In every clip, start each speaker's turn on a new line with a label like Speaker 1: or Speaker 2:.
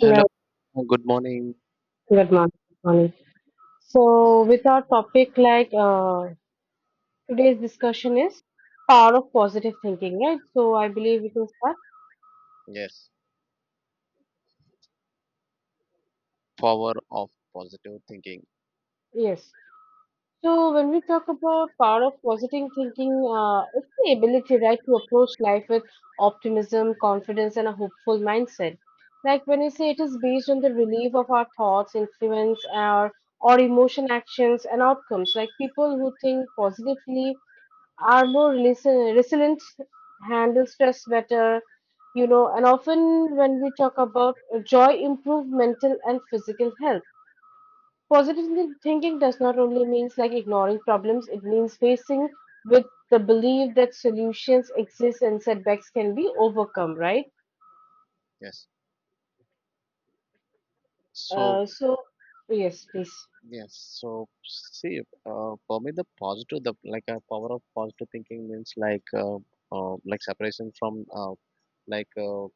Speaker 1: Hello,
Speaker 2: Hello.
Speaker 1: good morning.
Speaker 2: Good morning. Good morning. With our topic, today's discussion is power of positive thinking, right? So, I believe we can start.
Speaker 1: Yes. Power of positive thinking.
Speaker 2: Yes. So, when we talk about power of positive thinking, it's the ability, right, to approach life with optimism, confidence, and a hopeful mindset. Like when we say it is based on the relief of our thoughts, influence, our or emotion, actions, and outcomes. Like people who think positively are more resilient, handle stress better, you know, and often when we talk about joy, improve mental and physical health. Positive thinking does not only means like ignoring problems, it means facing with the belief that solutions exist and setbacks can be overcome, right?
Speaker 1: Yes. So
Speaker 2: Uh, so, yes, please.
Speaker 1: yes. So see, for me, the positive, the like a power of positive thinking means like separation from like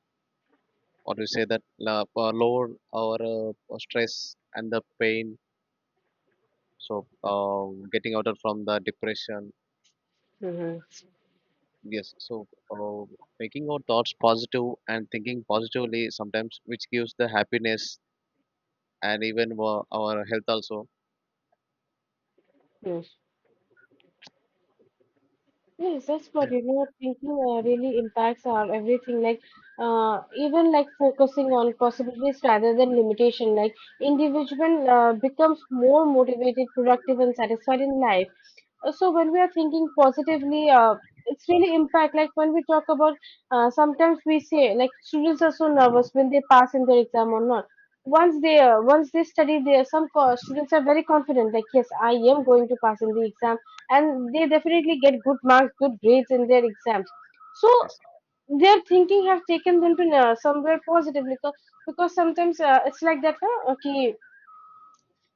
Speaker 1: or you say that la- lower or or stress and the pain. So getting out of from the depression.
Speaker 2: Mm-hmm.
Speaker 1: Yes. So uh, making our thoughts positive and thinking positively sometimes, which gives the happiness and even our health also.
Speaker 2: Yes. Yes, that's what you know. Thinking really impacts our everything. Like, even like focusing on possibilities rather than limitation. Like, individual becomes more motivated, productive, and satisfied in life. So when we are thinking positively it's really impact like when we talk about sometimes we say like students are so nervous when they pass in their exam or not, once they once they study there some students are very confident like yes, I am going to pass in the exam, and they definitely get good marks, good grades in their exams. So
Speaker 1: Yes,
Speaker 2: their thinking have taken them to somewhere positively, because sometimes it's like that, huh? Okay.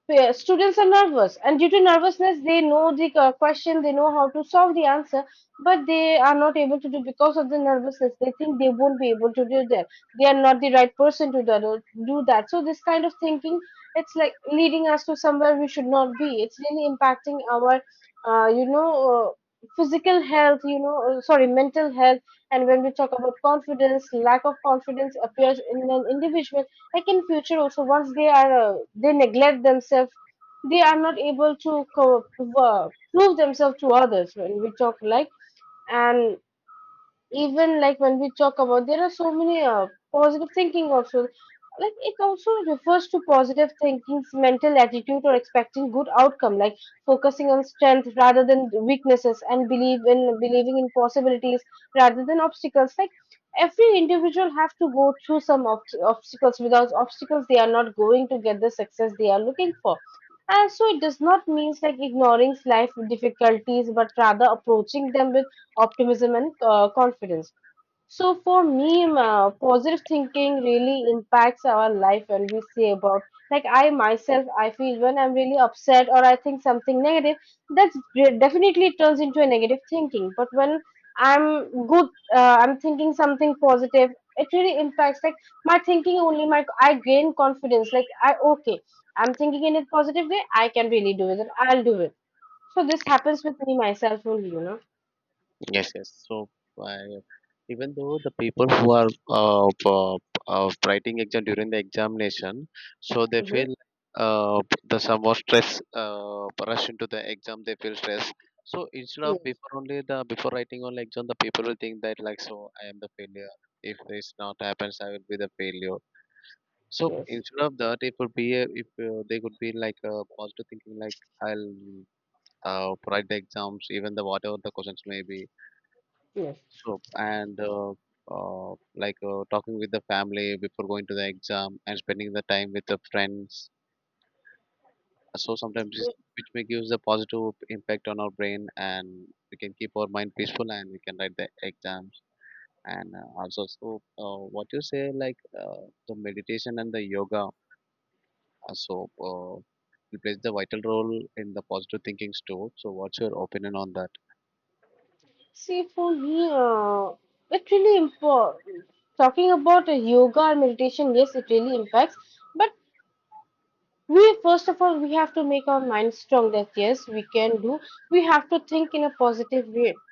Speaker 2: Students are nervous, and due to nervousness, they know the question, they know how to solve the answer, but they are not able to do because of the nervousness. They think they won't be able to do that. They are not the right person to do that. So this kind of thinking, it's like leading us to somewhere we should not be. It's really impacting our, physical health. Sorry, mental health. And when we talk about confidence, lack of confidence appears in an individual like in future also. Once they are they neglect themselves, they are not able to prove themselves to others when we talk like. And even like when we talk about, there are so many positive thinking also, like it also refers to positive thinking's mental attitude or expecting good outcome, like focusing on strength rather than weaknesses and believe in believing in possibilities rather than obstacles. Like every individual have to go through some obstacles. Without obstacles they are not going to get the success they are looking for. And so it does not means like ignoring life difficulties, but rather approaching them with optimism and confidence. So for me, positive thinking really impacts our life when we say about, like I myself I feel when I'm really upset or I think something negative, definitely turns into a negative thinking. But when I'm good, I'm thinking something positive, it really impacts like my thinking only. My i gain confidence like, I okay, I'm thinking in a positive way, I can really do it, I'll do it. So this happens with me myself only, you know.
Speaker 1: yes. So I- even though the people who are uh, p- writing exam during the examination, so they
Speaker 2: Mm-hmm.
Speaker 1: feel uh, the some more stress rush into the exam. They feel stress. So instead
Speaker 2: Yeah.
Speaker 1: of before only the before writing on exam, the people will think that like so I am the failure. If this not happens, I will be the failure. So
Speaker 2: Yes,
Speaker 1: instead of that, it would be a, if they could be like positive thinking, like I'll write the exams, even the whatever the questions may be.
Speaker 2: yes.
Speaker 1: So and like talking with the family before going to the exam and spending the time with the friends. So sometimes this which may gives a positive impact on our brain, and we can keep our mind peaceful, and we can write the exams. And also, so what you say, like the meditation and the yoga, uh, so uh, it plays the vital role in the positive thinkings too. So, what's your opinion on that?
Speaker 2: See, for me, it really impo- talking about yoga and meditation, yes, it really impacts. But we first of all we have to make our mind strong that yes, we can do. We have to think in a positive way.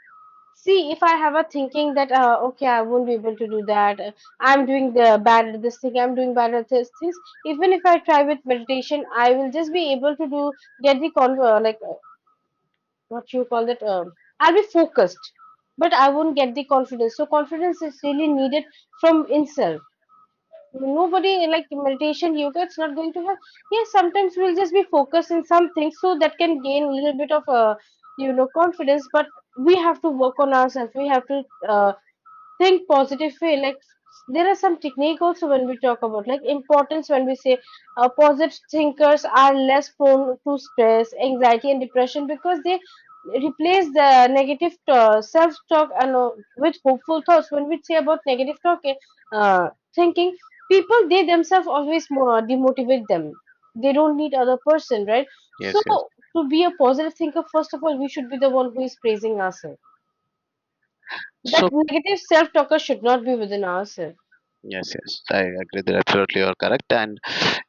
Speaker 2: See, if I have a thinking that okay, I won't be able to do that. I'm doing the bad at this thing. I'm doing bad at this things. Even if I try with meditation, I will just be able to do, get the con- like what you call that I'll be focused, but I won't get the confidence. So confidence is really needed from itself. Nobody, like meditation, yoga, it's not going to help. Yes, sometimes we'll just be focused in some things, so that can gain a little bit of you know, confidence. But we have to work on ourselves. We have to think positive way. Like there are some technique also when we talk about like importance, when we say positive thinkers are less prone to stress, anxiety, and depression because they replace the negative self-talk and with hopeful thoughts. When we say about negative talk, thinking people, they themselves always more demotivate them. They don't need other person, right? So
Speaker 1: Yes, yes.
Speaker 2: to be a positive thinker, first of all we should be the one who is praising ourselves. That
Speaker 1: So,
Speaker 2: negative self-talker should not be within ourselves.
Speaker 1: yes, yes, I agree that absolutely you're correct. And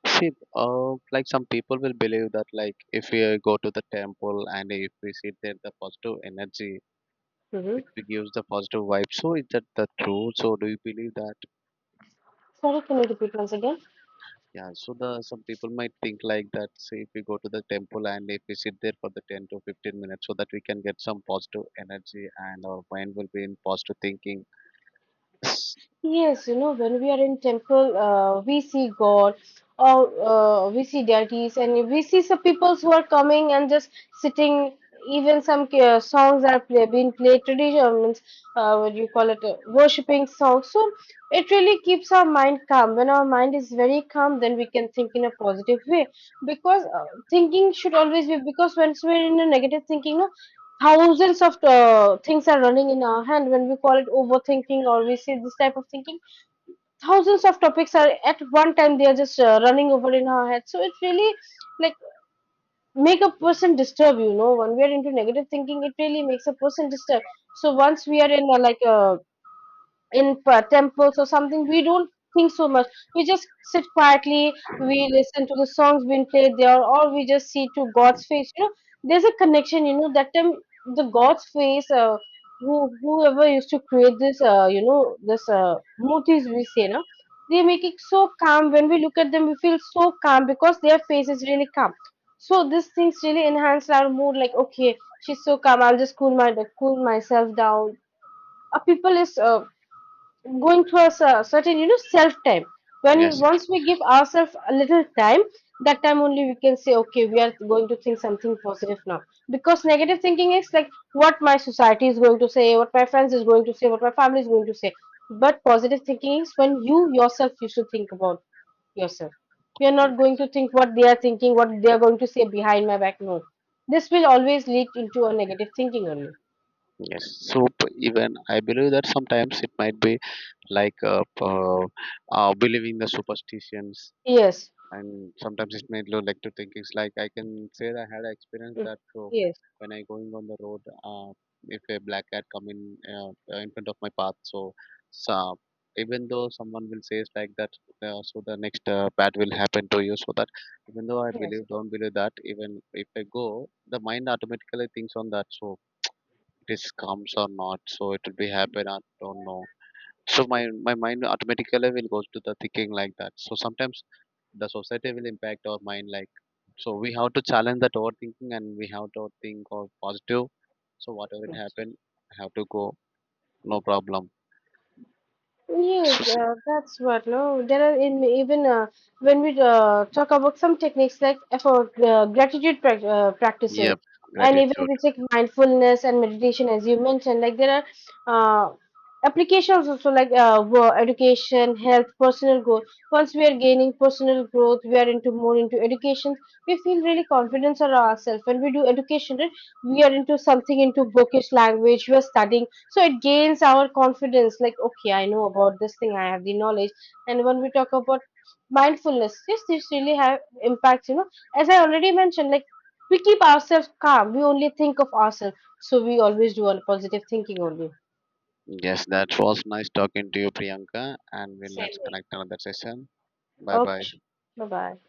Speaker 1: see, like some people will believe that, like, if we go to the temple and if we sit there, the positive energy
Speaker 2: Hmm.
Speaker 1: which we gives the positive vibe. So is that the true? So do you believe that?
Speaker 2: Sorry, can you repeat once again?
Speaker 1: Yeah. So the some people might think like that. Say if we go to the temple and if we sit there for the 10 to 15 minutes, so that we can get some positive energy and our mind will be in positive thinking. Yes,
Speaker 2: Yes, you know, when we are in temple, we see God, or we see deities, and we see some peoples who are coming and just sitting. Even some songs are play, being played, traditional means, what do you call it, worshipping songs. So it really keeps our mind calm. When our mind is very calm, then we can think in a positive way. Because thinking should always be, because once we're in a negative thinking, no, thousands of things are running in our hand when we call it overthinking, or we say this type of thinking, thousands of topics are at one time, they are just running over in our head. So it really, like, make a person disturb, you know. When we are into negative thinking, it really makes a person disturb. So once we are in a, like a, temples or something, we don't think so much. We just sit quietly, we listen to the songs being played there, or we just see to god's face, you know. There's a connection, you know, that time. The god's face, who, whoever used to create this, motifs we say, no, they make it so calm. When we look at them we feel so calm, because their face is really calm. So these things really enhance our mood, like okay, she's so calm, I'll just cool my cool myself down. People is going through a certain, you know, self time. When
Speaker 1: yes.
Speaker 2: once we give ourselves a little time, that time only we can say, okay, we are going to think something positive now. Because negative thinking is like, what my society is going to say, what my friends is going to say, what my family is going to say. But positive thinking is when you yourself used to think about yourself. You're not going to think what they are thinking, what they are going to say behind my back. No, this will always lead into a negative thinking only.
Speaker 1: Yes. So even I believe that sometimes it might be like believing the superstitions
Speaker 2: Yes.
Speaker 1: and sometimes it made you like to think it's like I can say that I had an experience
Speaker 2: Mm.
Speaker 1: that
Speaker 2: Yes,
Speaker 1: when I going on the road if a black cat come in front of my path, so, so even though someone will say it's like that, so the next bad will happen to you, so that even though I
Speaker 2: yes.
Speaker 1: believe don't believe that, even if I go, the mind automatically thinks on that. So it is comes or not, so it will be happen, I don't know. So my mind automatically will go to the thinking like that. So sometimes the society will impact our mind like so we have to challenge that overthinking and we have to think of positive. So whatever it
Speaker 2: Mm.
Speaker 1: happened, I have to go, no problem.
Speaker 2: Yes, that's what. No, there are in even, when we talk about some techniques like for gratitude practices,
Speaker 1: Yep,
Speaker 2: and even
Speaker 1: gratitude.
Speaker 2: we take mindfulness and meditation, as you mentioned, like there are applications also, like education, health, personal growth. Once we are gaining personal growth, we are into more into education. We feel really confidence on ourselves when we do education, right? We are into something into bookish language. We are studying, so it gains our confidence, like okay, I know about this thing, I have the knowledge. And when we talk about mindfulness, yes, this really have impacts, you know. As I already mentioned, like we keep ourselves calm, we only think of ourselves, so we always do a positive thinking only.
Speaker 1: Yes, that was nice talking to you, Priyanka, and we'll
Speaker 2: Same
Speaker 1: let's
Speaker 2: here.
Speaker 1: connect another session. Bye
Speaker 2: Okay,
Speaker 1: bye.
Speaker 2: sure. Bye bye.